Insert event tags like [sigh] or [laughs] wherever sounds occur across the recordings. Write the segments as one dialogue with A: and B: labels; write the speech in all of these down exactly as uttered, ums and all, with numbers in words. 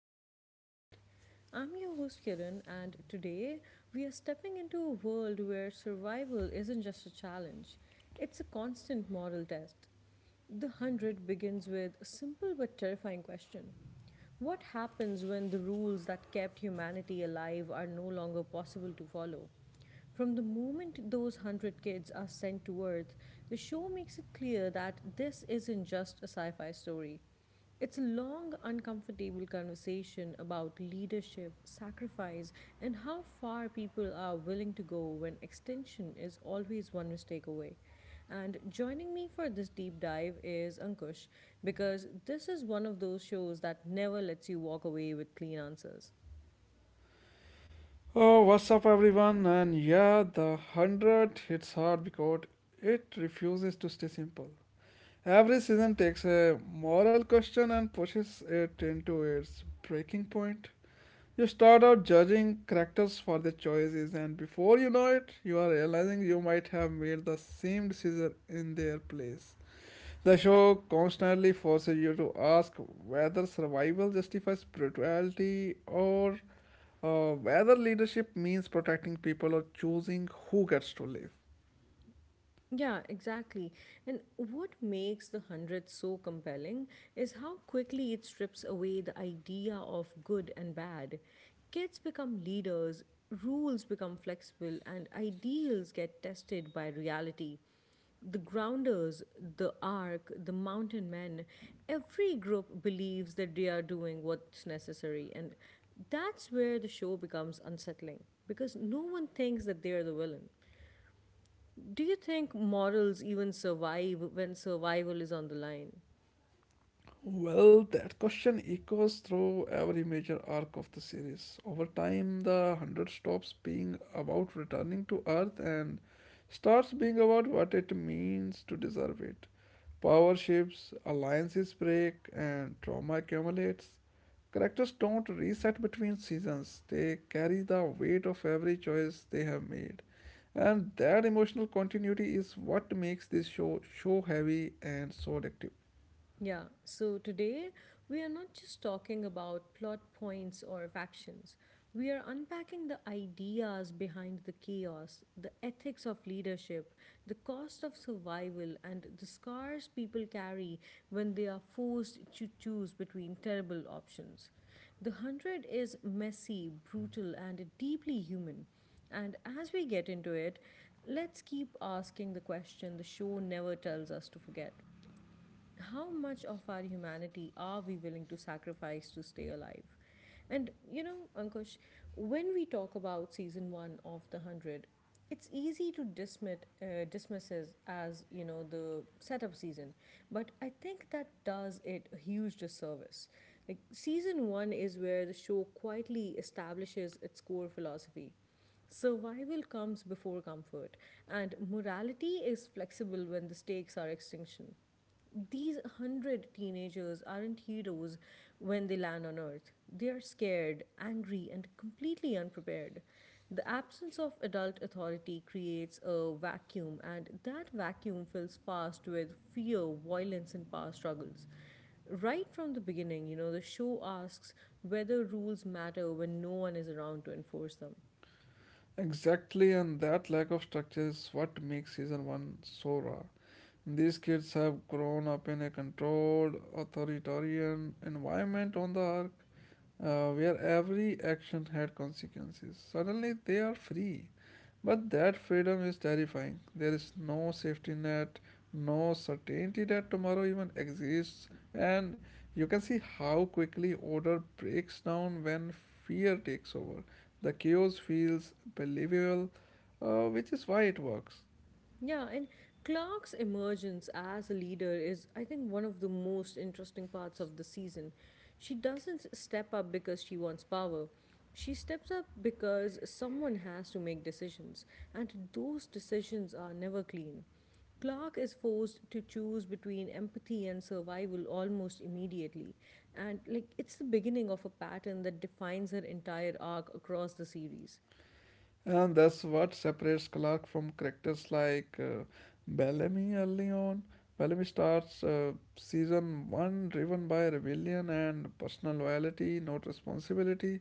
A: Open Mind Pod. I'm your host Kiran, and today we are stepping into a world where survival isn't just a challenge, it's a constant moral test. The hundred begins with a simple but terrifying question, what happens when the rules that kept humanity alive are no longer possible to follow? From the moment those hundred kids are sent to Earth, the show makes it clear that this isn't just a sci fi story. It's a long, uncomfortable conversation about leadership, sacrifice, and how far people are willing to go when extinction is always one mistake away. And joining me for this deep dive is Ankush, because this is one of those shows that never lets you walk away with clean answers.
B: Oh, what's up, everyone? And yeah, the one hundred hits hard because it refuses to stay simple. Every season takes a moral question and pushes it into its breaking point. You start out judging characters for their choices, and before you know it, you are realizing you might have made the same decision in their place. The show constantly forces you to ask whether survival justifies brutality or uh, whether leadership means protecting people or choosing who gets to live.
A: Yeah, exactly. And what makes the hundred so compelling is how quickly it strips away the idea of good and bad. Kids become leaders, rules become flexible, and ideals get tested by reality. The grounders, the ark, the mountain men, every group believes that they are doing what's necessary. And that's where the show becomes unsettling because no one thinks that they're the villain. Do you think morals even survive when survival is on the line?
B: Well, that question echoes through every major arc of the series. Over time, the one hundred stops being about returning to Earth and starts being about what it means to deserve it. Power shifts, alliances break, and trauma accumulates. Characters don't reset between seasons, they carry the weight of every choice they have made. And that emotional continuity is what makes this show so heavy and so addictive.
A: Yeah, so today we are not just talking about plot points or factions. We are unpacking the ideas behind the chaos, the ethics of leadership, the cost of survival, and the scars people carry when they are forced to choose between terrible options. The Hundred is messy, brutal, and deeply human. And as we get into it, let's keep asking the question the show never tells us to forget, how much of our humanity are we willing to sacrifice to stay alive? And you know, Ankush, when we talk about season one of The Hundred, it's easy to dismiss uh, dismisses as you know the setup season, but I think that does it a huge disservice. Like season one is where the show quietly establishes its core philosophy. Survival comes before comfort, and morality is flexible when the stakes are extinction. These hundred teenagers aren't heroes when they land on Earth. They are scared, angry, and completely unprepared. The absence of adult authority creates a vacuum, and that vacuum fills fast with fear, violence, and power struggles. Right from the beginning, you know, the show asks whether rules matter when no one is around to enforce them.
B: Exactly, and that lack of structure is what makes season one so raw. These kids have grown up in a controlled, authoritarian environment on the arc, uh, where every action had consequences. Suddenly they are free. But that freedom is terrifying. There is no safety net, no certainty that tomorrow even exists, and you can see how quickly order breaks down when fear takes over. The chaos feels believable, uh, which is why it works.
A: Yeah, and Clark's emergence as a leader is, I think, one of the most interesting parts of the season. She doesn't step up because she wants power. She steps up because someone has to make decisions, and those decisions are never clean. Clark is forced to choose between empathy and survival almost immediately, and like it's the beginning of a pattern that defines her entire arc across the series.
B: And that's what separates Clark from characters like uh, Bellamy early on. Bellamy starts uh, season one driven by rebellion and personal loyalty, not responsibility.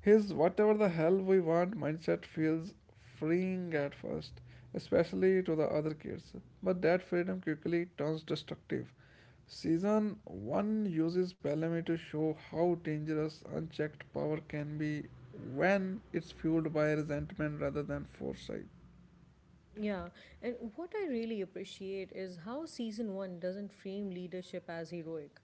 B: His whatever the hell we want mindset feels freeing at first, especially to the other kids. But that freedom quickly turns destructive. Season one uses Bellamy to show how dangerous unchecked power can be when it's fueled by resentment rather than foresight.
A: Yeah, and what I really appreciate is how season one doesn't frame leadership as heroic.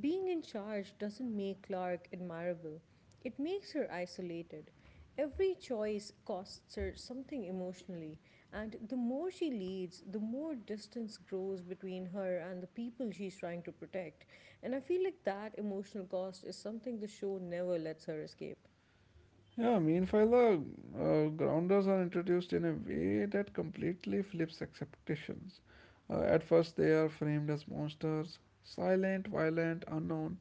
A: Being in charge doesn't make Clark admirable, it makes her isolated. Every choice costs her something emotionally, and the more she leads, the more distance grows between her and the people she's trying to protect. And I feel like that emotional cost is something the show never lets her escape.
B: Yeah, meanwhile, the uh, grounders are introduced in a way that completely flips expectations. Uh, at first, they are framed as monsters silent, violent, unknown.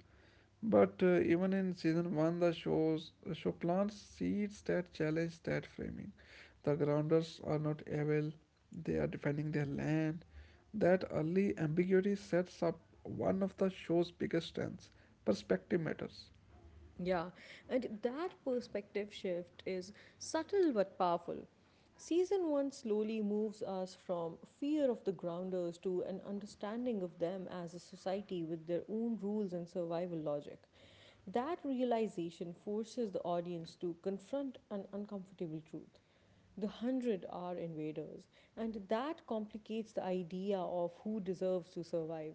B: But uh, even in season one, the shows show plants seeds that challenge that framing. The grounders are not evil, they are defending their land. That early ambiguity sets up one of the show's biggest strengths perspective matters.
A: Yeah, and that perspective shift is subtle but powerful. Season one slowly moves us from fear of the grounders to an understanding of them as a society with their own rules and survival logic. That realization forces the audience to confront an uncomfortable truth. The hundred are invaders, and that complicates the idea of who deserves to survive.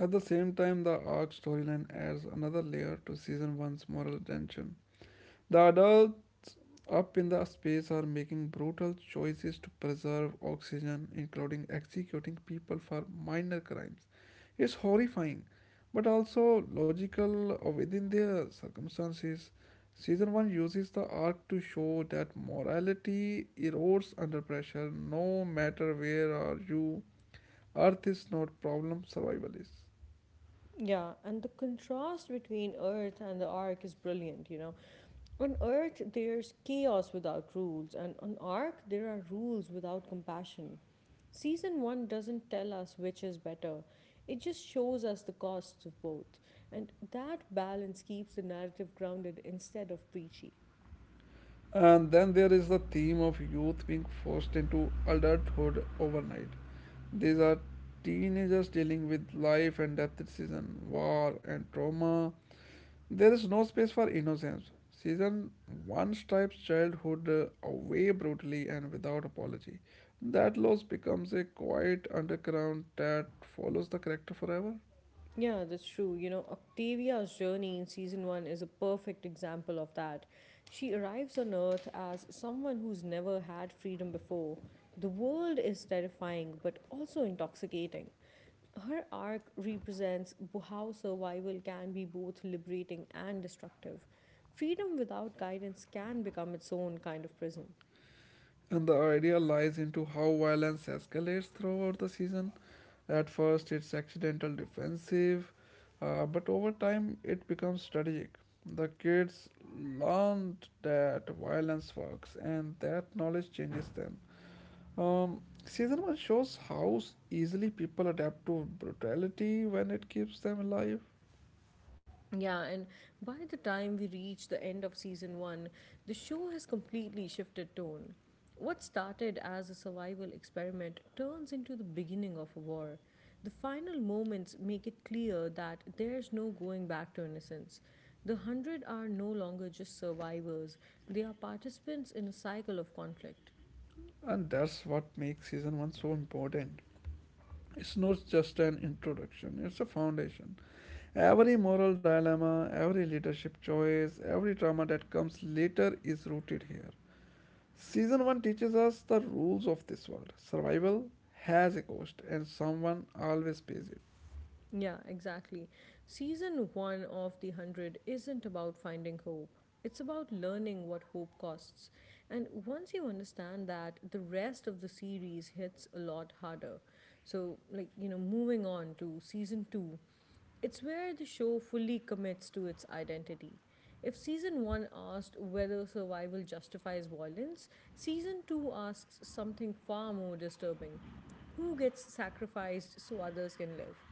B: At the same time, the arc storyline adds another layer to season one's moral tension. The adult up in the space are making brutal choices to preserve oxygen, including executing people for minor crimes. It's horrifying, but also logical uh, within their circumstances. Season one uses the arc to show that morality erodes under pressure, no matter where are you. Earth is not problem, survival is.
A: Yeah, and the contrast between Earth and the Ark is brilliant, you know. On Earth, there's chaos without rules, and on Ark, there are rules without compassion. Season one doesn't tell us which is better, it just shows us the costs of both, and that balance keeps the narrative grounded instead of preachy.
B: And then there is the theme of youth being forced into adulthood overnight. These are teenagers dealing with life and death decision, war and trauma. There is no space for innocence. Season one stripes childhood uh, away brutally and without apology. That loss becomes a quiet underground that follows the character forever.
A: Yeah, that's true. You know, Octavia's journey in season one is a perfect example of that. She arrives on Earth as someone who's never had freedom before. The world is terrifying, but also intoxicating. Her arc represents b- how survival can be both liberating and destructive. Freedom without guidance can become its own kind of prison.
B: And the idea lies into how violence escalates throughout the season. At first, it's accidental defensive, uh, but over time, it becomes strategic. The kids learned that violence works, and that knowledge changes them. Um, season one shows how s- easily people adapt to brutality when it keeps them alive,
A: Yeah, and by the time we reach the end of season one, the show has completely shifted tone. What started as a survival experiment turns into the beginning of a war. The final moments make it clear that there's no going back to innocence. The hundred are no longer just survivors, they are participants in a cycle of conflict.
B: and that's what makes season one so important. It's not just an introduction, it's a foundation. Every moral dilemma, every leadership choice, every drama that comes later is rooted here. Season one teaches us the rules of this world. Survival has a cost, and someone always pays it.
A: Yeah, exactly. Season one of The Hundred isn't about finding hope, it's about learning what hope costs. And once you understand that, the rest of the series hits a lot harder. So, like, you know, moving on to season two, it's where the show fully commits to its identity. If season one asked whether survival justifies violence, season two asks something far more disturbing, who gets sacrificed so others can live.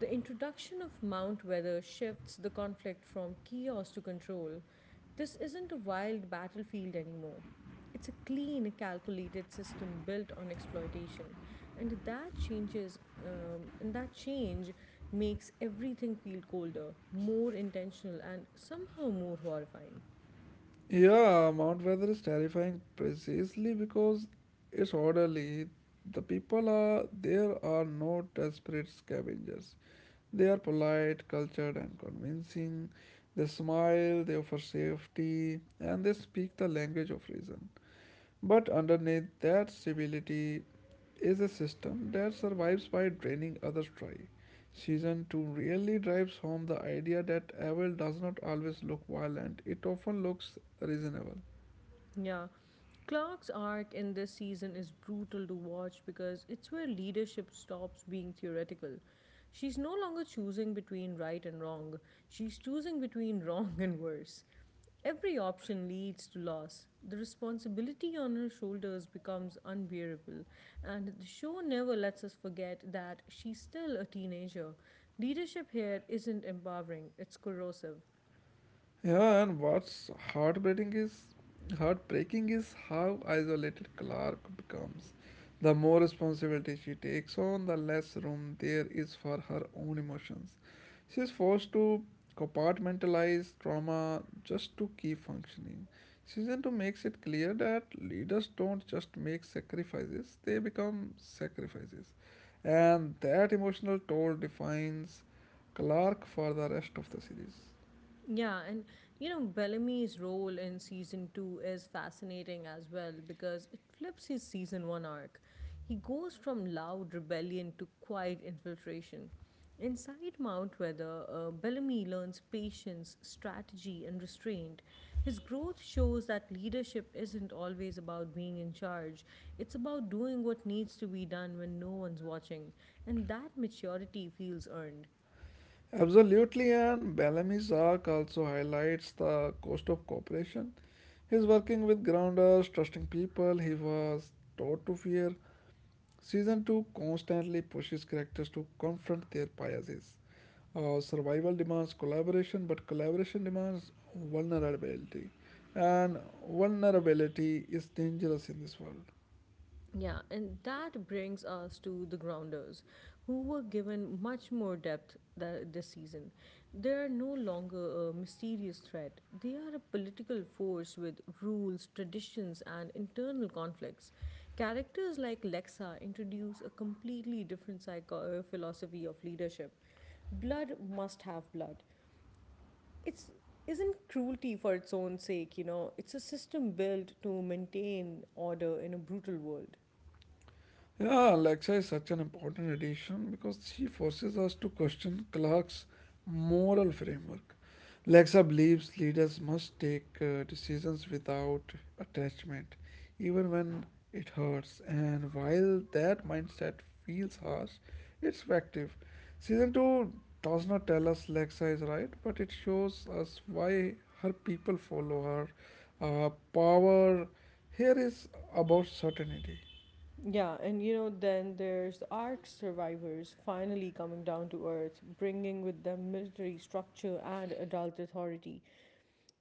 A: The introduction of Mount Weather shifts the conflict from chaos to control. This isn't a wild battlefield anymore. It's a clean, calculated system built on exploitation, and that changes. Um, and that change makes everything feel colder, more intentional, and somehow more horrifying.
B: Yeah, Mount Weather is terrifying precisely because it's orderly. The people are there are no desperate scavengers. They are polite, cultured, and convincing. They smile, they offer safety, and they speak the language of reason. But underneath that civility is a system that survives by draining others dry. Season two really drives home the idea that evil does not always look violent, it often looks reasonable.
A: Yeah. Clark's arc in this season is brutal to watch because it's where leadership stops being theoretical. She's no longer choosing between right and wrong, she's choosing between [laughs] wrong and worse. Every option leads to loss. The responsibility on her shoulders becomes unbearable, and the show never lets us forget that she's still a teenager. Leadership here isn't empowering, it's corrosive.
B: Yeah, and what's heartbreaking is heartbreaking is how isolated Clark becomes. The more responsibility she takes on, the less room there is for her own emotions. She is forced to compartmentalize trauma just to keep functioning. Season two makes it clear that leaders don't just make sacrifices, they become sacrifices. And that emotional toll defines Clark for the rest of the series.
A: Yeah, and you know, Bellamy's role in season two is fascinating as well because it flips his season one arc. He goes from loud rebellion to quiet infiltration. Inside Mount Weather, uh, Bellamy learns patience, strategy, and restraint. His growth shows that leadership isn't always about being in charge, it's about doing what needs to be done when no one's watching, and that maturity feels earned.
B: Absolutely, and Bellamy's arc also highlights the cost of cooperation. He's working with grounders, trusting people he was taught to fear. Season two constantly pushes characters to confront their biases. Uh, survival demands collaboration, but collaboration demands vulnerability. And vulnerability is dangerous in this world.
A: Yeah, and that brings us to the Grounders, who were given much more depth tha- this season. They are no longer a mysterious threat, they are a political force with rules, traditions, and internal conflicts. Characters like Lexa introduce a completely different psycho- uh, philosophy of leadership. Blood must have blood. It's isn't cruelty for its own sake, you know. It's a system built to maintain order in a brutal world.
B: Yeah, Alexa is such an important addition because she forces us to question Clark's moral framework. Alexa believes leaders must take uh, decisions without attachment, even when it hurts. And while that mindset feels harsh, it's effective. Season two does not tell us Alexa is right, but it shows us why her people follow her. Uh, power here is about certainty.
A: Yeah, and you know, then there's the Ark survivors finally coming down to Earth, bringing with them military structure and adult authority.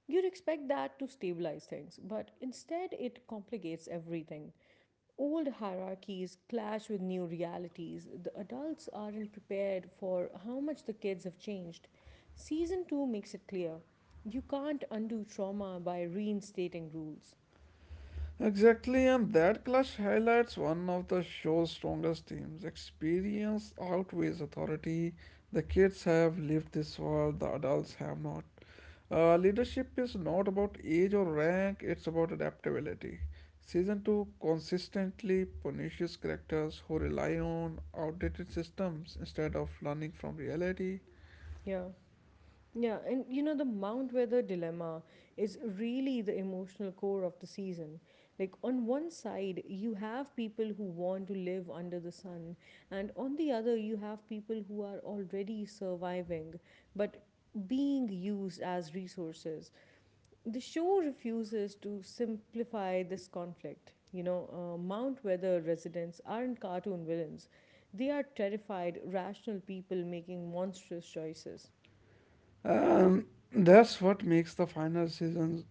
A: You'd expect that to stabilize things, but instead it complicates everything. Old hierarchies clash with new realities. The adults aren't prepared for how much the kids have changed. Season two makes it clear, you can't undo trauma by reinstating rules.
B: Exactly, and that clash highlights one of the show's strongest themes. Experience outweighs authority. The kids have lived this world, the adults have not. Uh, leadership is not about age or rank, it's about adaptability. Season two consistently punishes characters who rely on outdated systems instead of learning from reality.
A: Yeah. Yeah, and you know, the Mount Weather dilemma is really the emotional core of the season. Like, on one side, you have people who want to live under the sun, and on the other, you have people who are already surviving but being used as resources. The show refuses to simplify this conflict. You know, uh, Mount Weather residents aren't cartoon villains, they are terrified, rational people making monstrous choices.
B: And that's what makes the final season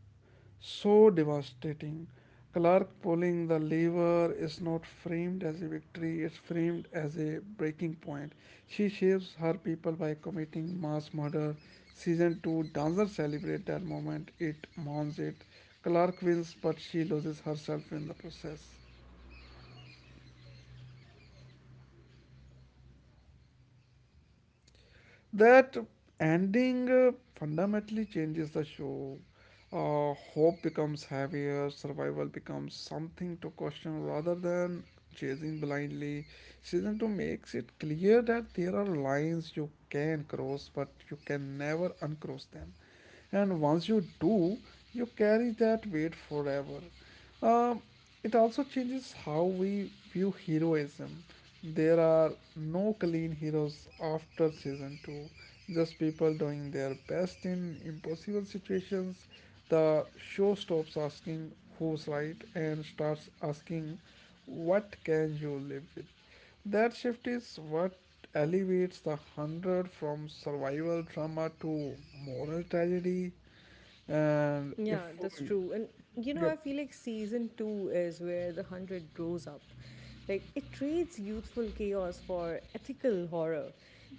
B: so devastating. Clark pulling the lever is not framed as a victory, it's framed as a breaking point. She saves her people by committing mass murder. Season two dancers celebrate that moment, it mourns it. Clark wins, but she loses herself in the process. That ending uh, fundamentally changes the show. Uh, hope becomes heavier, survival becomes something to question rather than chasing blindly. Season two makes it clear that there are lines you can cross, but you can never uncross them, and once you do, you carry that weight forever. um, it also changes how we view heroism. There are no clean heroes after season two, just people doing their best in impossible situations. The show stops asking who's right and starts asking what can you live with. That shift is what elevates the hundred from survival trauma to moral tragedy. And
A: Yeah,
B: if
A: that's
B: we,
A: true. And you know,
B: yep.
A: I feel like season two is where the hundred grows up. Like, it trades youthful chaos for ethical horror.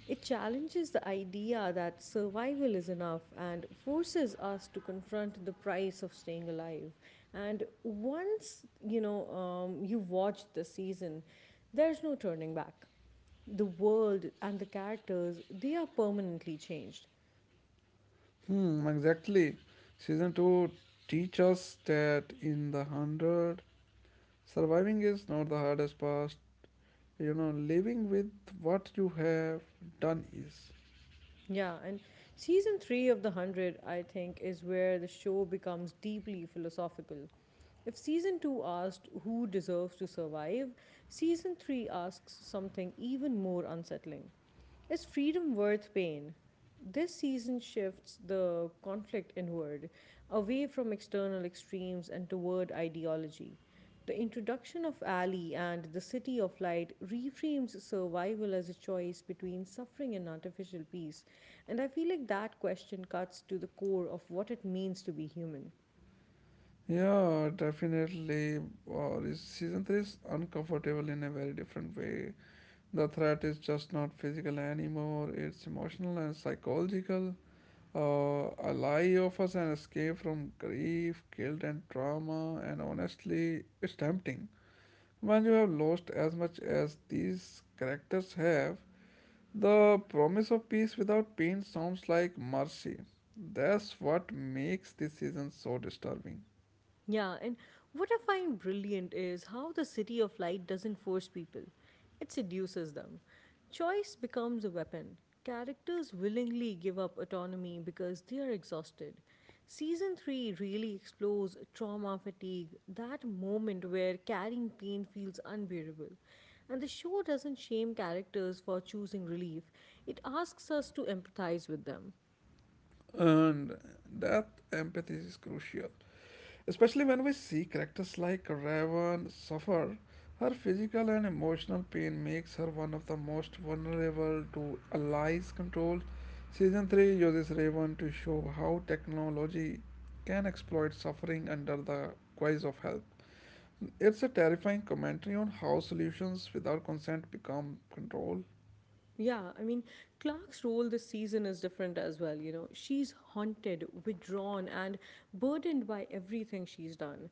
A: It challenges the idea that survival is enough and forces us to confront the price of staying alive. And once, you know, um, you watch the season, there's no turning back, the world and the characters they are permanently changed.
B: hmm, exactly. Season two teach us that in the hundred, surviving is not the hardest part. You know, living with what you have done is.
A: Yeah, and season three of The Hundred, I think, is where the show becomes deeply philosophical. If season two asked who deserves to survive, season three asks something even more unsettling. Is freedom worth pain? This season shifts the conflict inward, away from external extremes and toward ideology. The introduction of Ali and the City of Light reframes survival as a choice between suffering and artificial peace, and I feel like that question cuts to the core of what it means to be human.
B: Yeah, definitely. Or is season three is uncomfortable in a very different way. The threat is just not physical anymore, it's emotional and psychological. Uh, a lie offers an escape from grief, guilt, and trauma, and honestly, it's tempting. When you have lost as much as these characters have, the promise of peace without pain sounds like mercy. That's what makes this season so disturbing.
A: Yeah, and what I find brilliant is how the City of Light doesn't force people, it seduces them. Choice becomes a weapon. Characters willingly give up autonomy because they are exhausted. Season three really explores trauma fatigue, that moment where carrying pain feels unbearable. And the show doesn't shame characters for choosing relief, it asks us to empathize with them.
B: And that empathy is crucial. Especially when we see characters like Raven suffer, her physical and emotional pain makes her one of the most vulnerable to allies' control. Season three uses Raven to show how technology can exploit suffering under the guise of help. It's a terrifying commentary on how solutions without consent become control,
A: Yeah, I mean, Clark's role this season is different as well. You know, she's haunted, withdrawn, and burdened by everything she's done.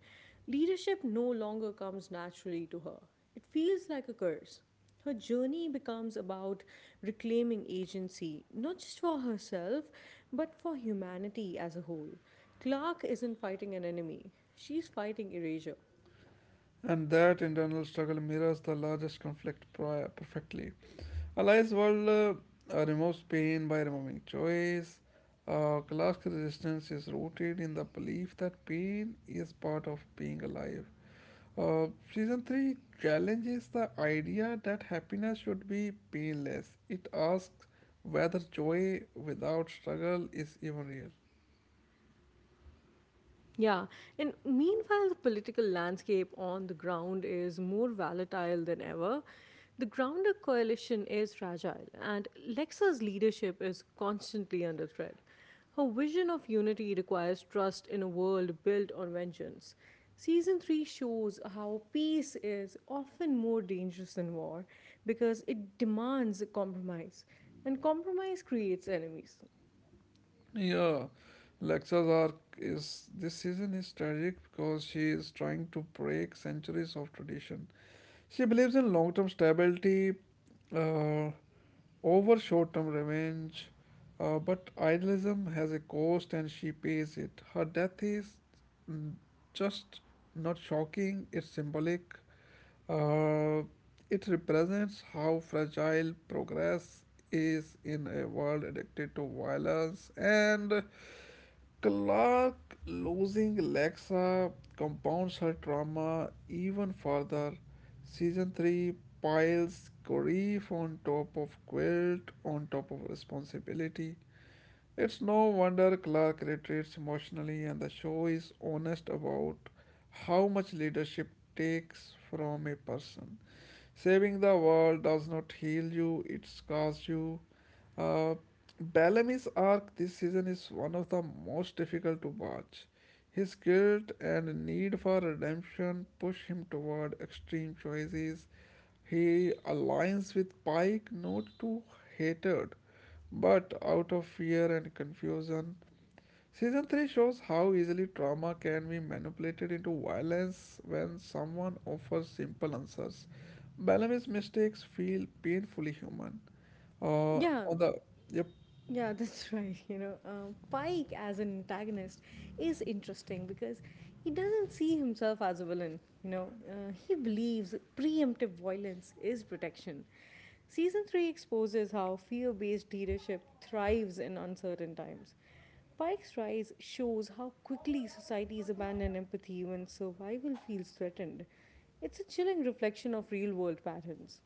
A: Leadership no longer comes naturally to her, it feels like a curse. Her journey becomes about reclaiming agency, not just for herself, but for humanity as a whole. Clark isn't fighting an enemy, she's fighting erasure.
B: and that internal struggle mirrors the largest conflict prior perfectly. Allies world uh, uh, removes pain by removing choice. Uh, classic resistance is rooted in the belief that pain is part of being alive. Uh, season three challenges the idea that happiness should be painless. It asks whether joy without struggle is even real.
A: Yeah, and meanwhile, the political landscape on the ground is more volatile than ever. The Grounder coalition is fragile, and Lexa's leadership is constantly under threat. Her vision of unity requires trust in a world built on vengeance. Season three shows how peace is often more dangerous than war because it demands compromise, and compromise creates enemies.
B: Yeah, Lexa's arc is this season is tragic because she is trying to break centuries of tradition. She believes in long term stability uh, over short term revenge, uh, but idealism has a cost and she pays it. Her death is mm, just not shocking, it's symbolic. Uh, it represents how fragile progress is in a world addicted to violence, and Clark losing Lexa compounds her trauma even further. Season three piles grief on top of guilt, on top of responsibility. It's no wonder Clark retreats emotionally, and the show is honest about how much leadership takes from a person. Saving the world does not heal you, it scars you. Uh, Bellamy's arc this season is one of the most difficult to watch. His guilt and need for redemption push him toward extreme choices. He aligns with Pike not to hatred, but out of fear and confusion. Season three shows how easily trauma can be manipulated into violence when someone offers simple answers. Bellamy's mistakes feel painfully human. Uh,
A: Yeah,
B: on the yep.
A: Yeah, that's [laughs] right. You know, um, Pike as an antagonist is interesting because he doesn't see himself as a villain. You know, uh, he believes preemptive violence is protection. Season three exposes how fear based leadership thrives in uncertain times. Pike's rise shows how quickly societies abandon empathy when survival feels threatened. It's a chilling reflection of real world patterns.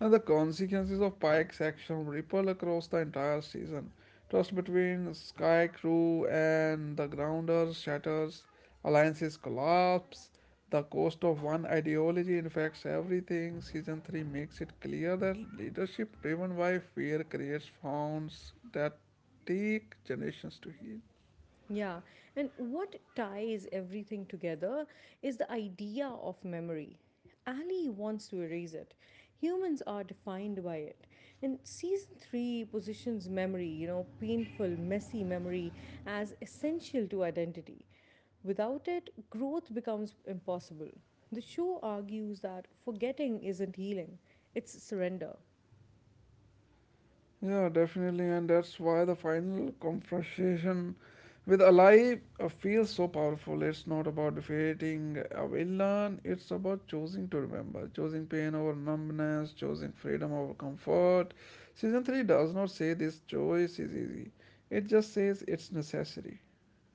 B: And the consequences of Pike's action ripple across the entire season. Trust between Sky Crew and the Grounders shatters, alliances collapse, the cost of one ideology infects everything. Season three makes it clear that leadership driven by fear creates wounds that take generations to heal.
A: Yeah, and what ties everything together is the idea of memory. Ali wants to erase it. Humans are defined by it. And season three positions memory, you know, painful, messy memory, as essential to identity. Without it, growth becomes impossible. The show argues that forgetting isn't healing, it's surrender.
B: Yeah, definitely, and that's why the final confrontation with Ali uh, feels so powerful. It's not about defeating a villain; it's about choosing to remember, choosing pain over numbness, choosing freedom over comfort. Season three does not say this choice is easy; it just says it's necessary.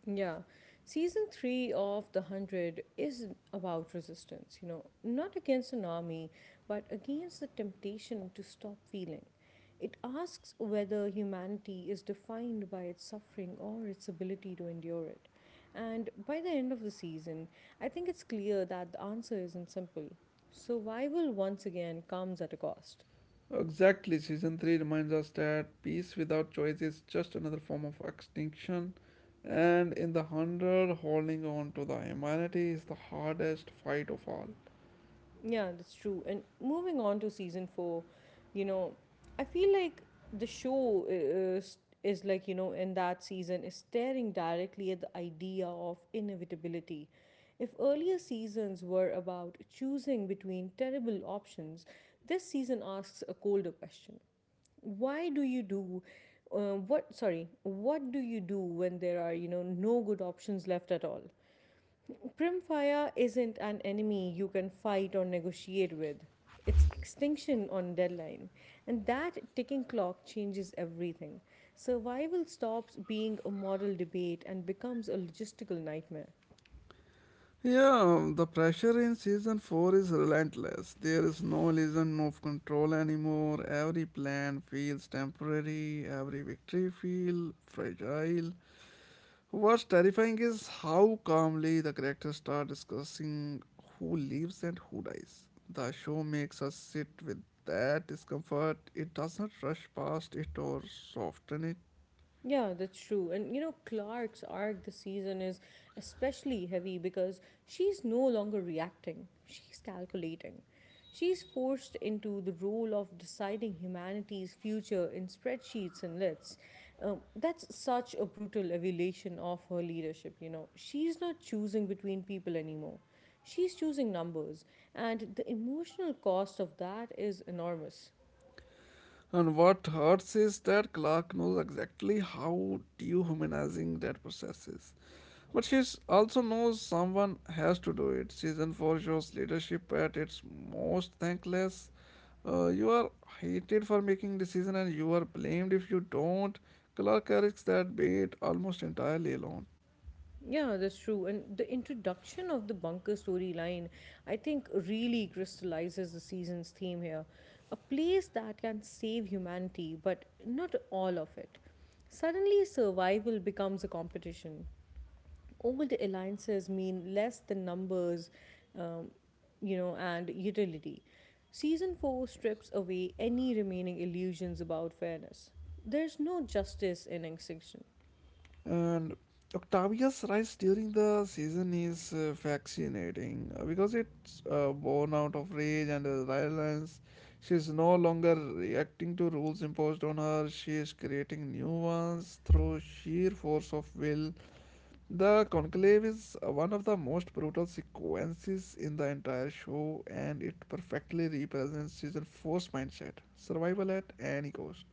A: Yeah. Season three of The Hundred is about resistance, you know, not against an army, but against the temptation to stop feeling. It asks whether humanity is defined by its suffering or its ability to endure it. And by the end of the season, I think it's clear that the answer isn't simple. Survival once again comes at a cost.
B: Exactly, season three reminds us that peace without choice is just another form of extinction, and in the hundred, holding on to the humanity is the hardest fight of all.
A: Yeah, that's true. And moving on to season four, you know, I feel like the show is, is like, you know, in that season is staring directly at the idea of inevitability. If earlier seasons were about choosing between terrible options, this season asks a colder question. Why do you do uh, what sorry, What do you do when there are, you know, no good options left at all? Primfire isn't an enemy you can fight or negotiate with. It's extinction on deadline. And that ticking clock changes everything. Survival stops being a moral debate and becomes a logistical nightmare.
B: Yeah, the pressure in season four is relentless. There is no illusion of control anymore. Every plan feels temporary, every victory feels fragile. What's terrifying is how calmly the characters start discussing who lives and who dies. The show makes us sit with that discomfort. It does not rush past it or soften it.
A: Yeah, that's true. And you know, Clark's arc this season is especially heavy because she's no longer reacting, she's calculating. She's forced into the role of deciding humanity's future in spreadsheets and lists. Um, that's such a brutal evaluation of her leadership, you know. She's not choosing between people anymore. She's choosing numbers, and the emotional cost of that is enormous.
B: And what hurts is that Clark knows exactly how dehumanizing that process is. But she also knows someone has to do it. Season four shows leadership at its most thankless. Uh, you are hated for making decisions, and you are blamed if you don't. Clark carries that bait almost entirely alone.
A: Yeah, that's true. And the introduction of the bunker storyline, I think, really crystallizes the season's theme here. A place that can save humanity, but not all of it. Suddenly, survival becomes a competition. Old alliances mean less than numbers, um, you know, and utility. Season four strips away any remaining illusions about fairness. There's no justice in extinction.
B: And Octavius' rise during the season is uh, fascinating uh, because it's uh, born out of rage and uh, violence. She's no longer reacting to rules imposed on her, she is creating new ones through sheer force of will. The conclave is uh, one of the most brutal sequences in the entire show, and it perfectly represents season four's mindset survival at any cost.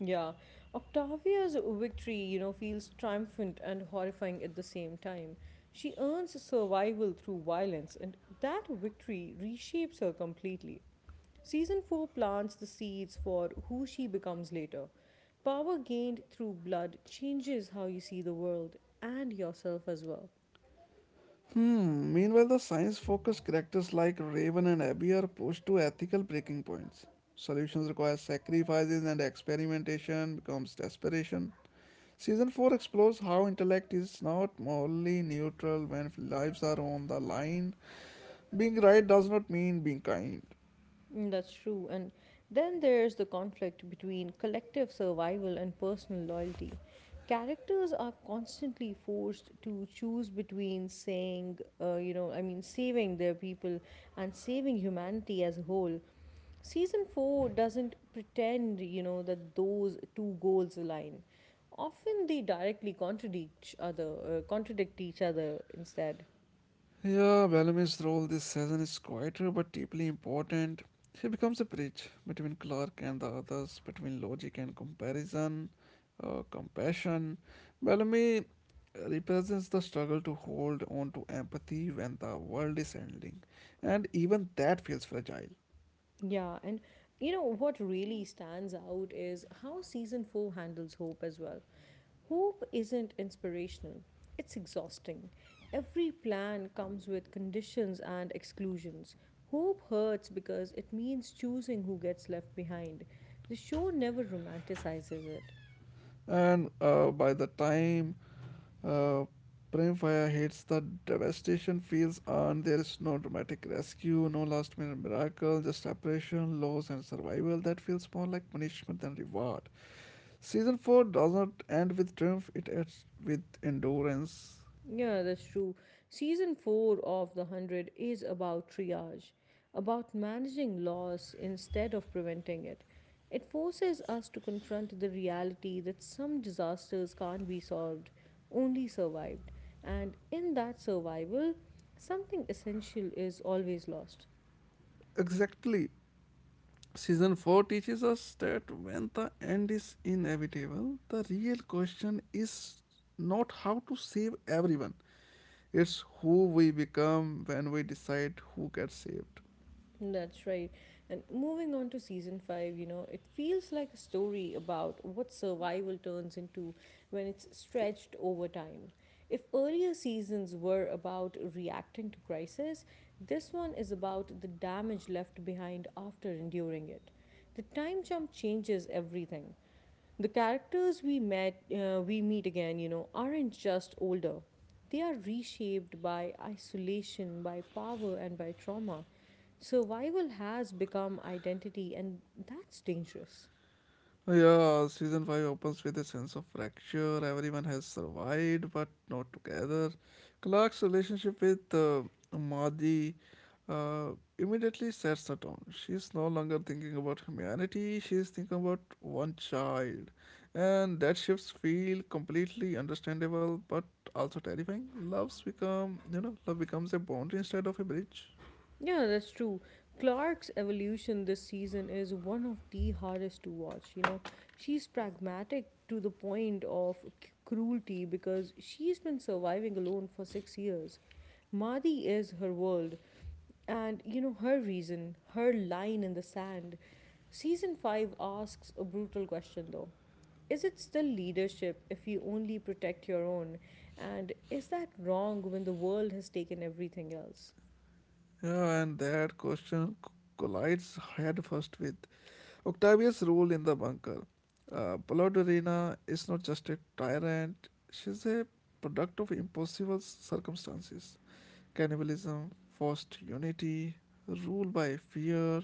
A: Yeah, Octavia's victory, you know, feels triumphant and horrifying at the same time. She earns survival through violence, and that victory reshapes her completely. Season four plants the seeds for who she becomes later. Power gained through blood changes how you see the world and yourself as well.
B: Hmm, meanwhile, the science focused characters like Raven and Abby are pushed to ethical breaking points. Solutions require sacrifices, and experimentation becomes desperation. Season four explores how intellect is not morally neutral when lives are on the line. Being right does not mean being kind.
A: Mm, that's true. And then there's the conflict between collective survival and personal loyalty. Characters are constantly forced to choose between saying, uh, you know, I mean, saving their people and saving humanity as a whole. Season four doesn't pretend, you know, that those two goals align. Often they directly contradict each other, uh, contradict each other instead.
B: Yeah, Bellamy's role this season is quieter but deeply important. He becomes a bridge between Clark and the others, between logic and comparison, uh, compassion. Bellamy represents the struggle to hold on to empathy when the world is ending, and even that feels fragile.
A: Yeah, and you know what really stands out is how season four handles hope as well. Hope isn't inspirational, it's exhausting. Every plan comes with conditions and exclusions. Hope hurts because it means choosing who gets left behind. The show never romanticizes it.
B: And uh, by the time Uh, Prem fire hates the devastation feels earned. There is no dramatic rescue, no last minute miracle, just separation, loss, and survival that feels more like punishment than reward. Season four does not end with triumph, it ends with endurance.
A: Yeah, that's true. Season four of The one hundred is about triage, about managing loss instead of preventing it. It forces us to confront the reality that some disasters can't be solved, only survived. And in that survival, something essential is always lost.
B: Exactly. Season four teaches us that when the end is inevitable, the real question is not how to save everyone, it's who we become when we decide who gets saved.
A: That's right. And moving on to season five, you know, it feels like a story about what survival turns into when it's stretched over time. If earlier seasons were about reacting to crisis, this one is about the damage left behind after enduring it. The time jump changes everything. The characters we met uh, we meet again, you know, aren't just older. They are reshaped by isolation, by power and by trauma. Survival has become identity and that's dangerous.
B: Oh, yeah, season five opens with a sense of fracture. Everyone has survived, but not together. Clark's relationship with uh, Madi uh, immediately sets the tone. She's no longer thinking about humanity, she's thinking about one child. And that shifts feel completely understandable but also terrifying. Love's become, you know, love becomes a boundary instead of a bridge.
A: Yeah, that's true. Clark's evolution this season is one of the hardest to watch, you know. She's pragmatic to the point of c- cruelty because she's been surviving alone for six years. Madi is her world, and you know, her reason, her line in the sand. Season five asks a brutal question though. Is it still leadership if you only protect your own? And is that wrong when the world has taken everything else?
B: Yeah, and that question c- collides head first with Octavia's role in the bunker. Uh, Polodorina is not just a tyrant, she's a product of impossible circumstances. Cannibalism, forced unity, rule by fear.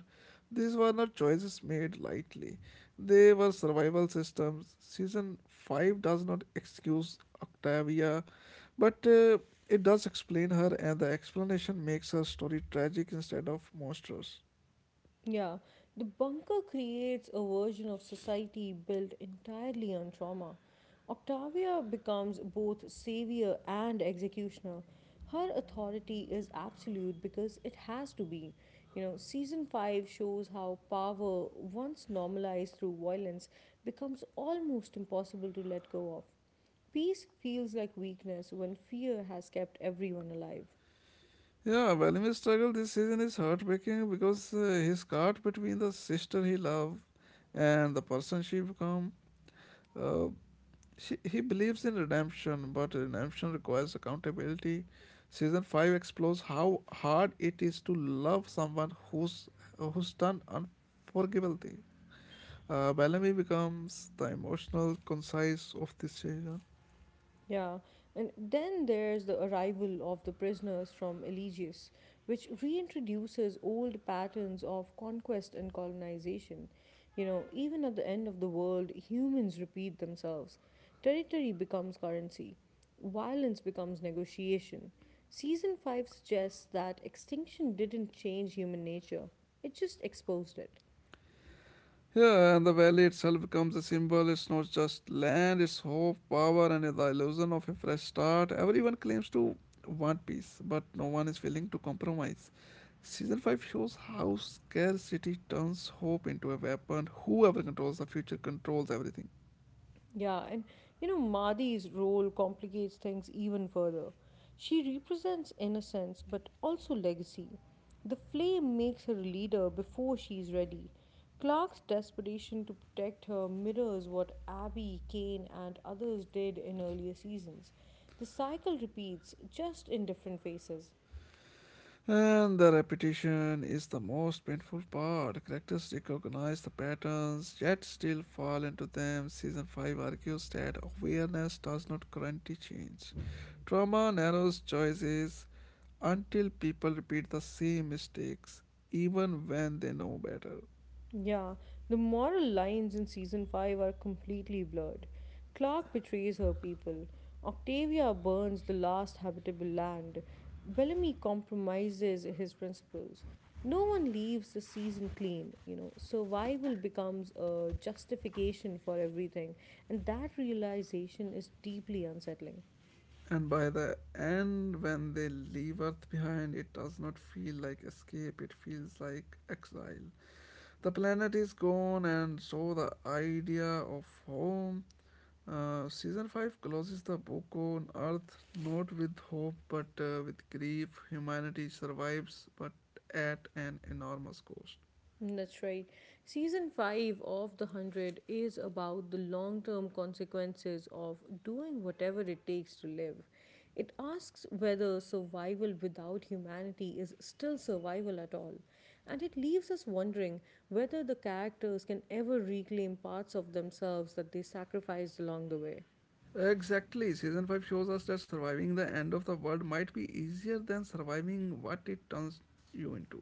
B: These were not choices made lightly. They were survival systems. Season five does not excuse Octavia, but uh, it does explain her, and the explanation makes her story tragic instead of monstrous.
A: Yeah, the bunker creates a version of society built entirely on trauma. Octavia becomes both savior and executioner. Her authority is absolute because it has to be. You know, season five shows how power, once normalized through violence, becomes almost impossible to let go of. Peace feels like weakness when fear has kept everyone alive.
B: Yeah, Valmi's struggle this season is heartbreaking because uh, he's caught between the sister he loved and the person she become. Uh, she, he believes in redemption, but redemption requires accountability. Season five explores how hard it is to love someone who's who's done unforgivable thing. Uh, Bellamy becomes the emotional concise of this season.
A: Yeah, and then there's the arrival of the prisoners from Eligius, which reintroduces old patterns of conquest and colonization. You know, even at the end of the world, humans repeat themselves. Territory becomes currency, violence becomes negotiation. Season five suggests that extinction didn't change human nature, it just exposed it.
B: Yeah, and the valley itself becomes a symbol. It's not just land, it's hope, power, and the illusion of a fresh start. Everyone claims to want peace, but no one is willing to compromise. Season five shows how scarcity turns hope into a weapon. Whoever controls the future controls everything.
A: Yeah, and you know, Madi's role complicates things even further. She represents innocence but also legacy. The flame makes her a leader before she's ready. Clark's desperation to protect her mirrors what Abby, Kane, and others did in earlier seasons. The cycle repeats, just in different faces.
B: And the repetition is the most painful part. Characters recognize the patterns yet still fall into them. Season five argues that awareness does not guarantee change. Trauma narrows choices until people repeat the same mistakes even when they know better.
A: Yeah, the moral lines in season five are completely blurred. Clark betrays her people. Octavia burns the last habitable land. Bellamy compromises his principles. No one leaves the season clean, you know. Survival becomes a justification for everything, and that realization is deeply unsettling.
B: And by the end, when they leave Earth behind, it does not feel like escape, it feels like exile. The planet is gone, and so the idea of home. Uh, season five closes the book on Earth not with hope but uh, with grief. Humanity survives but at an enormous cost.
A: That's right. Season five of The one hundred is about the long term consequences of doing whatever it takes to live. It asks whether survival without humanity is still survival at all. And it leaves us wondering whether the characters can ever reclaim parts of themselves that they sacrificed along the way.
B: Exactly, season five shows us that surviving the end of the world might be easier than surviving what it turns you into.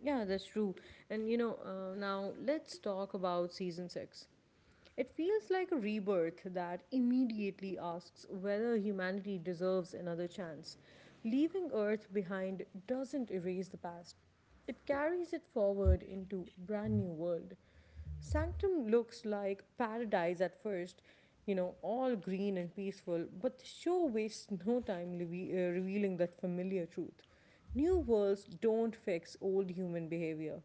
A: Yeah, that's true. And you know, uh, now let's talk about season six. It feels like a rebirth that immediately asks whether humanity deserves another chance. Leaving Earth behind doesn't erase the past, it carries it forward into a brand new world. Sanctum looks like paradise at first, you know, all green and peaceful, but the show wastes no time levi- uh, revealing that familiar truth. New worlds don't fix old human behavior.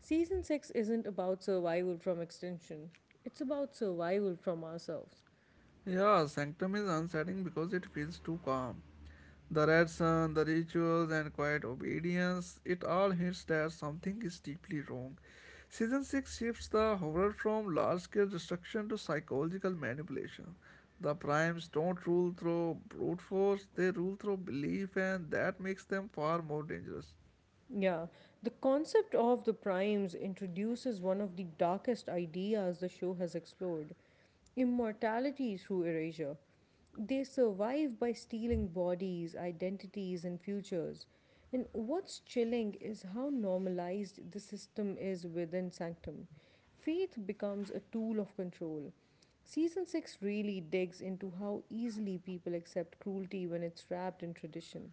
A: Season six isn't about survival from extinction, it's about survival from ourselves.
B: Yeah, Sanctum is unsettling because it feels too calm. The red sun, the rituals, and quiet obedience, it all hints that something is deeply wrong. Season six shifts the horror from large scale destruction to psychological manipulation. The primes don't rule through brute force, they rule through belief, and that makes them far more dangerous.
A: Yeah, the concept of the primes introduces one of the darkest ideas the show has explored, immortality through erasure. They survive by stealing bodies, identities, and futures. And what's chilling is how normalized the system is within Sanctum. Faith becomes a tool of control. Season six really digs into how easily people accept cruelty when it's wrapped in tradition.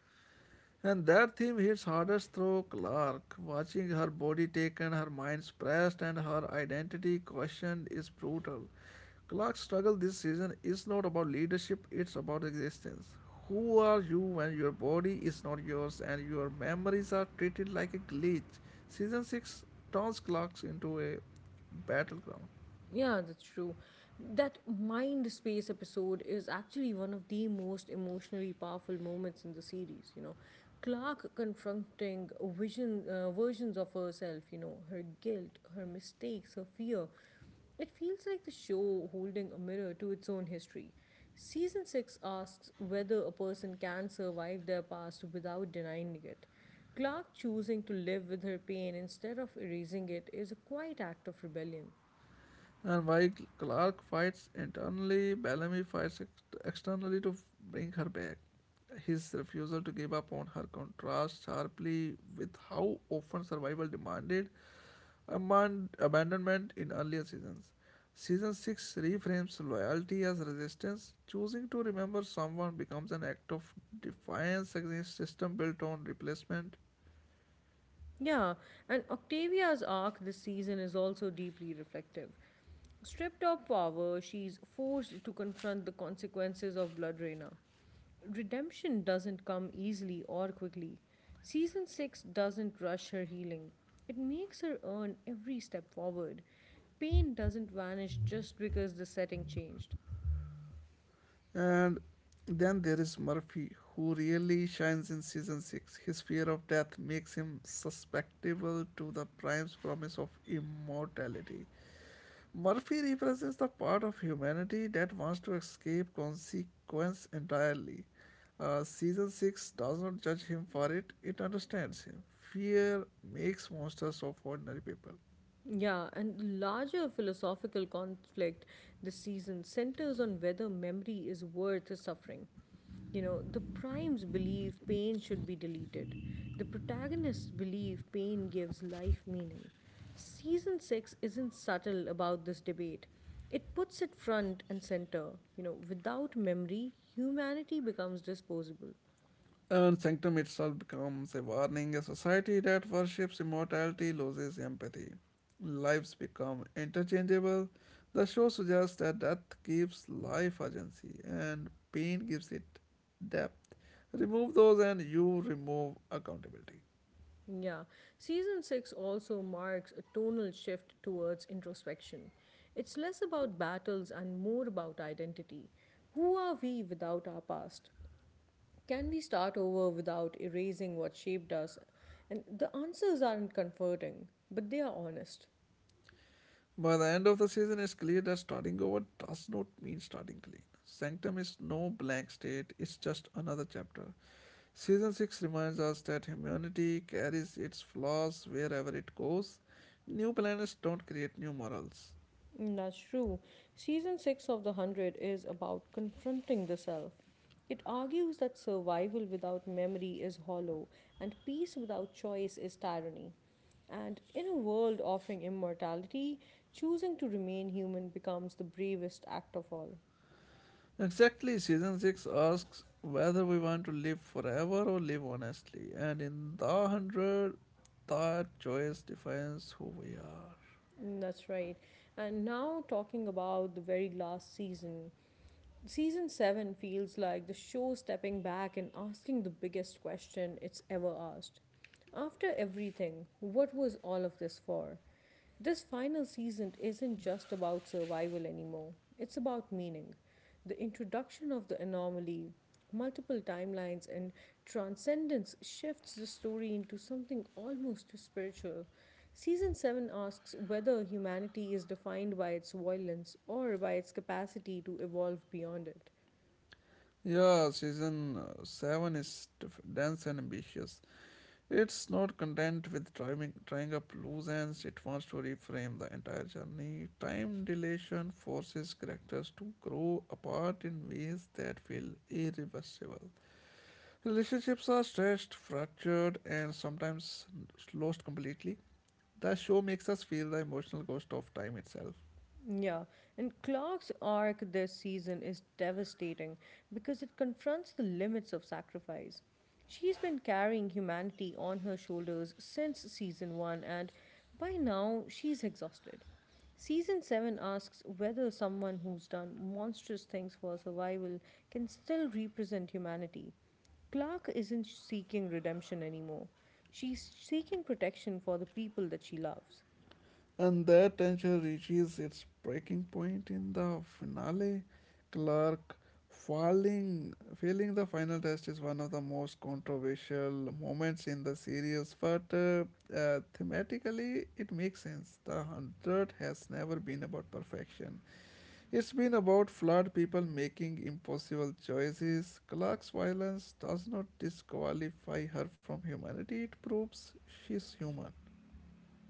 B: And that theme hits hardest through Clark. Watching her body taken, her mind suppressed, and her identity questioned is brutal. Clark's struggle this season is not about leadership, it's about existence. Who are you when your body is not yours and your memories are treated like a glitch? Season six turns Clark into a battleground.
A: Yeah, that's true. That mind space episode is actually one of the most emotionally powerful moments in the series. You know, Clark confronting vision uh, versions of herself. You know, her guilt, her mistakes, her fear. It feels like the show holding a mirror to its own history. Season six asks whether a person can survive their past without denying it. Clark choosing to live with her pain instead of erasing it is a quiet act of rebellion.
B: And while Clark fights internally, Bellamy fights ex- externally to bring her back. His refusal to give up on her contrasts sharply with how often survival demanded aman- abandonment in earlier seasons. Season six reframes loyalty as resistance. Choosing to remember someone becomes an act of defiance against system built on replacement.
A: Yeah, and Octavia's arc this season is also deeply reflective. Stripped of power, she's forced to confront the consequences of Blood Reyna. Redemption doesn't come easily or quickly. Season six doesn't rush her healing, it makes her earn every step forward. Pain doesn't vanish just because the setting changed.
B: And then there is Murphy, who really shines in season six. His fear of death makes him susceptible to the Prime's promise of immortality. Murphy represents the part of humanity that wants to escape consequence entirely. Uh, season six does not judge him for it, it understands him. Fear makes monsters of ordinary people.
A: Yeah, and the larger philosophical conflict this season centers on whether memory is worth the suffering. You know, the primes believe pain should be deleted. The protagonists believe pain gives life meaning. Season six isn't subtle about this debate. It puts it front and center. You know, without memory, humanity becomes disposable.
B: And sanctum itself becomes a warning. A society that worships immortality loses empathy. Lives become interchangeable. The show suggests that death gives life urgency and pain gives it depth. Remove those and you remove accountability.
A: Yeah, season six also marks a tonal shift towards introspection. It's less about battles and more about identity. Who are we without our past? Can we start over without erasing what shaped us? And the answers aren't comforting, but they are honest.
B: By the end of the season, it's clear that starting over does not mean starting clean. Sanctum is no blank state, it's just another chapter. Season six reminds us that humanity carries its flaws wherever it goes. New planets don't create new morals.
A: Mm, that's true. Season six of The Hundred is about confronting the self. It argues that survival without memory is hollow, and peace without choice is tyranny. And in a world offering immortality, choosing to remain human becomes the bravest act of all.
B: Exactly, Season six asks whether we want to live forever or live honestly, and in the one hundred, that choice defines who we are.
A: Mm, that's right. And now talking about the very last season. Season seven feels like the show stepping back and asking the biggest question it's ever asked. After everything, what was all of this for? This final season isn't just about survival anymore, it's about meaning. The introduction of the anomaly, multiple timelines, and transcendence shifts the story into something almost spiritual. Season seven asks whether humanity is defined by its violence or by its capacity to evolve beyond it.
B: Yeah, Season uh, seven is def- dense and ambitious. It's not content with trying, tying up loose ends, it wants to reframe the entire journey. Time dilation forces characters to grow apart in ways that feel irreversible. Relationships are stretched, fractured, and sometimes lost completely. The show makes us feel the emotional cost of time itself.
A: Yeah, and Clark's arc this season is devastating because it confronts the limits of sacrifice. She's been carrying humanity on her shoulders since season one, and by now she's exhausted. Season seven asks whether someone who's done monstrous things for survival can still represent humanity. Clark isn't seeking redemption anymore. She's seeking protection for the people that she loves.
B: And that tension reaches its breaking point in the finale. Clark falling, failing the final test is one of the most controversial moments in the series, but uh, uh, thematically it makes sense. The one hundred has never been about perfection, it's been about flawed people making impossible choices. Clark's violence does not disqualify her from humanity, it proves she's human.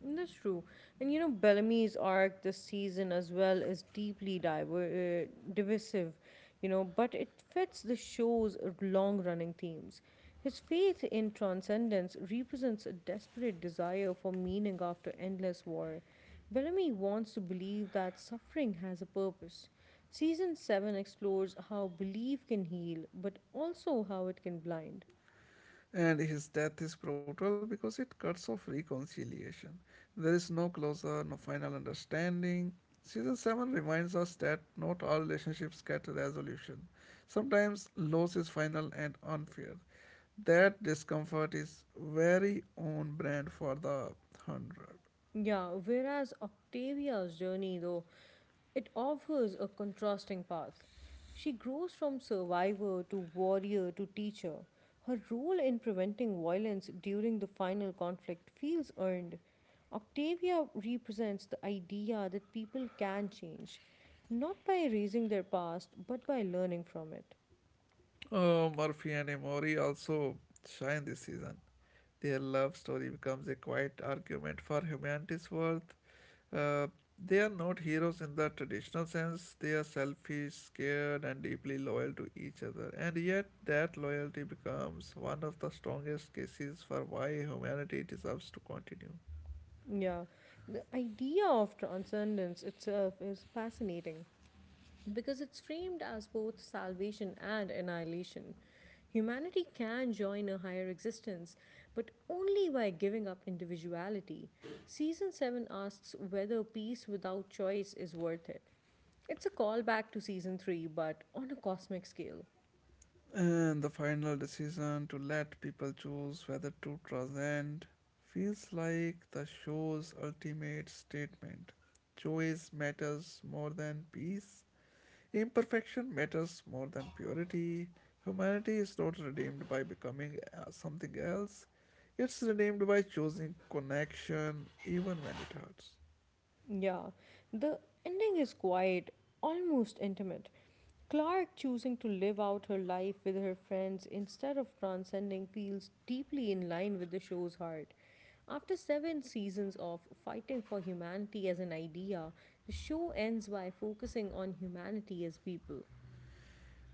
A: That's true. And you know, Bellamy's arc this season as well is deeply diver- uh, divisive, you know, but it fits the show's long running themes. His faith in transcendence represents a desperate desire for meaning after endless war. Bellamy wants to believe that suffering has a purpose. Season seven explores how belief can heal, but also how it can blind.
B: And his death is brutal because it cuts off reconciliation. There is no closure, no final understanding. Season seven reminds us that not all relationships get resolution. Sometimes loss is final and unfair. That discomfort is very on brand for the one hundred.
A: Yeah, whereas Octavia's journey, though, it offers a contrasting path. She grows from survivor to warrior to teacher. Her role in preventing violence during the final conflict feels earned. Octavia represents the idea that people can change, not by erasing their past, but by learning from it.
B: Oh, Murphy and Emory also shine this season. Their love story becomes a quiet argument for humanity's worth. Uh, they are not heroes in the traditional sense. They are selfish, scared, and deeply loyal to each other. And yet, that loyalty becomes one of the strongest cases for why humanity deserves to continue.
A: Yeah, the idea of transcendence itself is fascinating, because it's framed as both salvation and annihilation. Humanity can join a higher existence, but only by giving up individuality. Season seven asks whether peace without choice is worth it. It's a callback to season three, but on a cosmic scale.
B: And the final decision to let people choose whether to transcend feels like the show's ultimate statement. Choice matters more than peace, imperfection matters more than purity. Humanity is not redeemed by becoming uh, something else. It's redeemed by choosing connection even when it hurts.
A: Yeah, the ending is quiet, almost intimate. Clark choosing to live out her life with her friends instead of transcending feels deeply in line with the show's heart. After seven seasons of fighting for humanity as an idea, the show ends by focusing on humanity as people.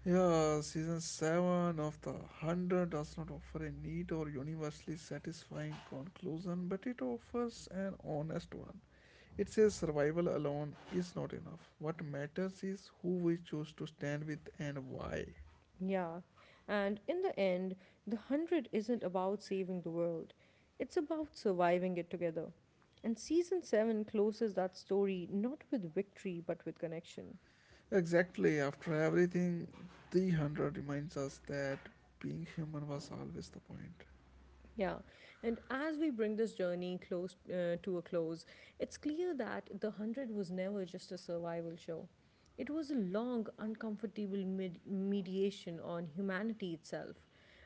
B: Yeah, season seven of The one hundred does not offer a neat or universally satisfying conclusion, but it offers an honest one. It says survival alone is not enough. What matters is who we choose to stand with and why.
A: Yeah, and in the end, The Hundred isn't about saving the world, it's about surviving it together. And season seven closes that story not with victory but with connection.
B: Exactly, after everything, three hundred reminds us that being human was always the point.
A: Yeah, and as we bring this journey close uh, to a close, it's clear that The one hundred was never just a survival show. It was a long, uncomfortable med- mediation on humanity itself.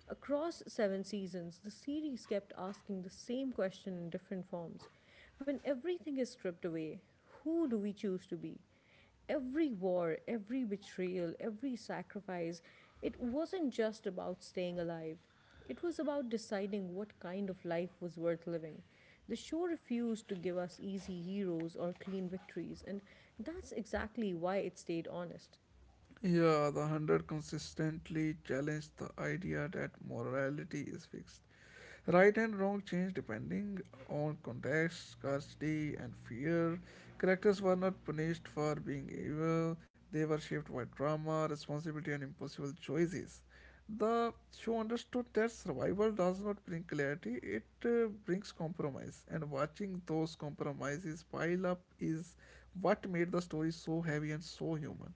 A: Across seven seasons, the series kept asking the same question in different forms. When everything is stripped away, who do we choose to be? Every war, every betrayal, every sacrifice, it wasn't just about staying alive. It was about deciding what kind of life was worth living. The show refused to give us easy heroes or clean victories, and that's exactly why it stayed honest.
B: Yeah, the hundred consistently challenged the idea that morality is fixed. Right and wrong change depending on context, scarcity, and fear. Characters were not punished for being evil, they were shaped by trauma, responsibility, and impossible choices. The show understood that survival does not bring clarity, it uh, brings compromise, and watching those compromises pile up is what made the story so heavy and so human.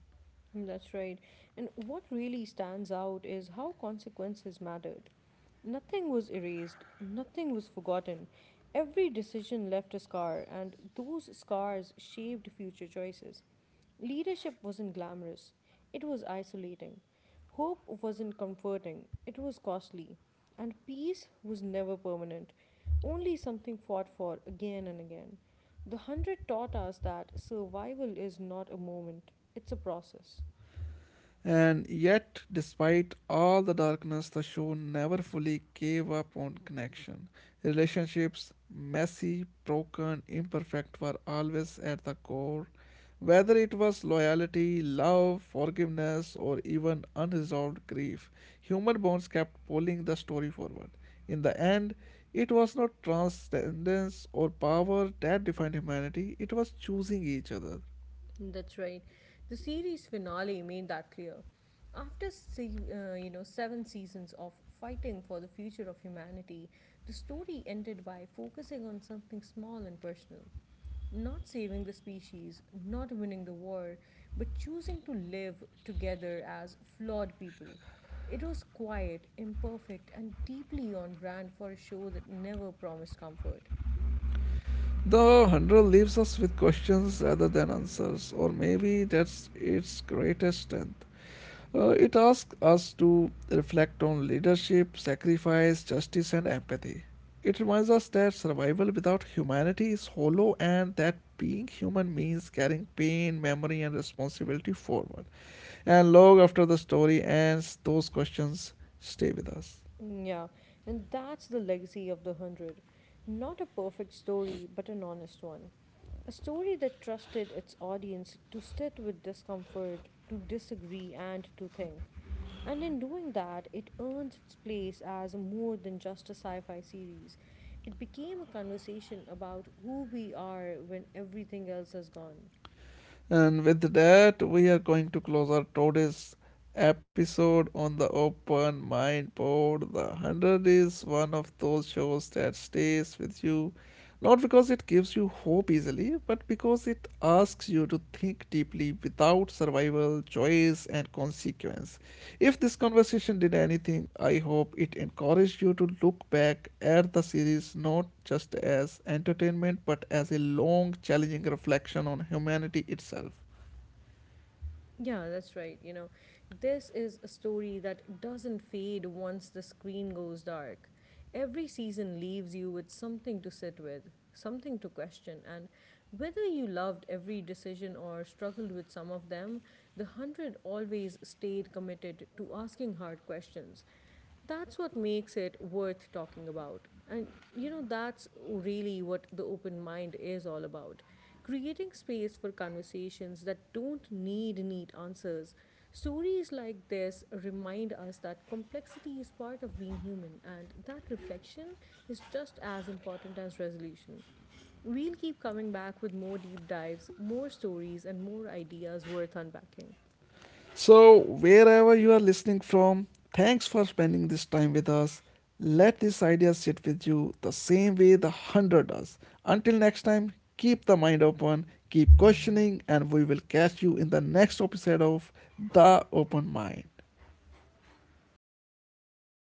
A: That's right. And what really stands out is how consequences mattered. Nothing was erased, nothing was forgotten. Every decision left a scar, and those scars shaped future choices. Leadership wasn't glamorous, it was isolating. Hope wasn't comforting, it was costly, and peace was never permanent, only something fought for again and again. The hundred taught us that survival is not a moment, it's a process.
B: And yet, despite all the darkness, the show never fully gave up on connection. Relationships, messy, broken, imperfect, were always at the core. Whether it was loyalty, love, forgiveness, or even unresolved grief, human bonds kept pulling the story forward. In the end, it was not transcendence or power that defined humanity, it was choosing each other.
A: That's right. The series finale made that clear. After se- uh, you know seven seasons of fighting for the future of humanity, the story ended by focusing on something small and personal. Not saving the species, not winning the war, but choosing to live together as flawed people. It was quiet, imperfect, and deeply on brand for a show that never promised comfort.
B: The one hundred leaves us with questions rather than answers, or maybe that's its greatest strength. Uh, it asks us to reflect on leadership, sacrifice, justice, and empathy. It reminds us that survival without humanity is hollow and that being human means carrying pain, memory, and responsibility forward. And long after the story ends, those questions stay with us.
A: Mm, yeah, and that's the legacy of The Hundred. Not a perfect story, but an honest one. A story that trusted its audience to sit with discomfort, to disagree, and to think. And in doing that, it earns its place as more than just a sci fi series. It became a conversation about who we are when everything else is gone.
B: And with that, we are going to close our today's episode on the Open Mind Pod. The one hundred is one of those shows that stays with you, not because it gives you hope easily, but because it asks you to think deeply without survival, choice, and consequence. If this conversation did anything, I hope it encouraged you to look back at the series not just as entertainment but as a long, challenging reflection on humanity itself.
A: Yeah, that's right. You know, this is a story that doesn't fade once the screen goes dark. Every season leaves you with something to sit with, something to question, and whether you loved every decision or struggled with some of them, the hundred always stayed committed to asking hard questions. That's what makes it worth talking about. And you know, that's really what the open mind is all about, creating space for conversations that don't need neat answers. Stories like this remind us that complexity is part of being human, and that reflection is just as important as resolution. We'll keep coming back with more deep dives, more stories, and more ideas worth unpacking.
B: So, wherever you are listening from, thanks for spending this time with us. Let this idea sit with you the same way the one hundred does. Until next time, keep the mind open, keep questioning, and we will catch you in the next episode of The Open Mind.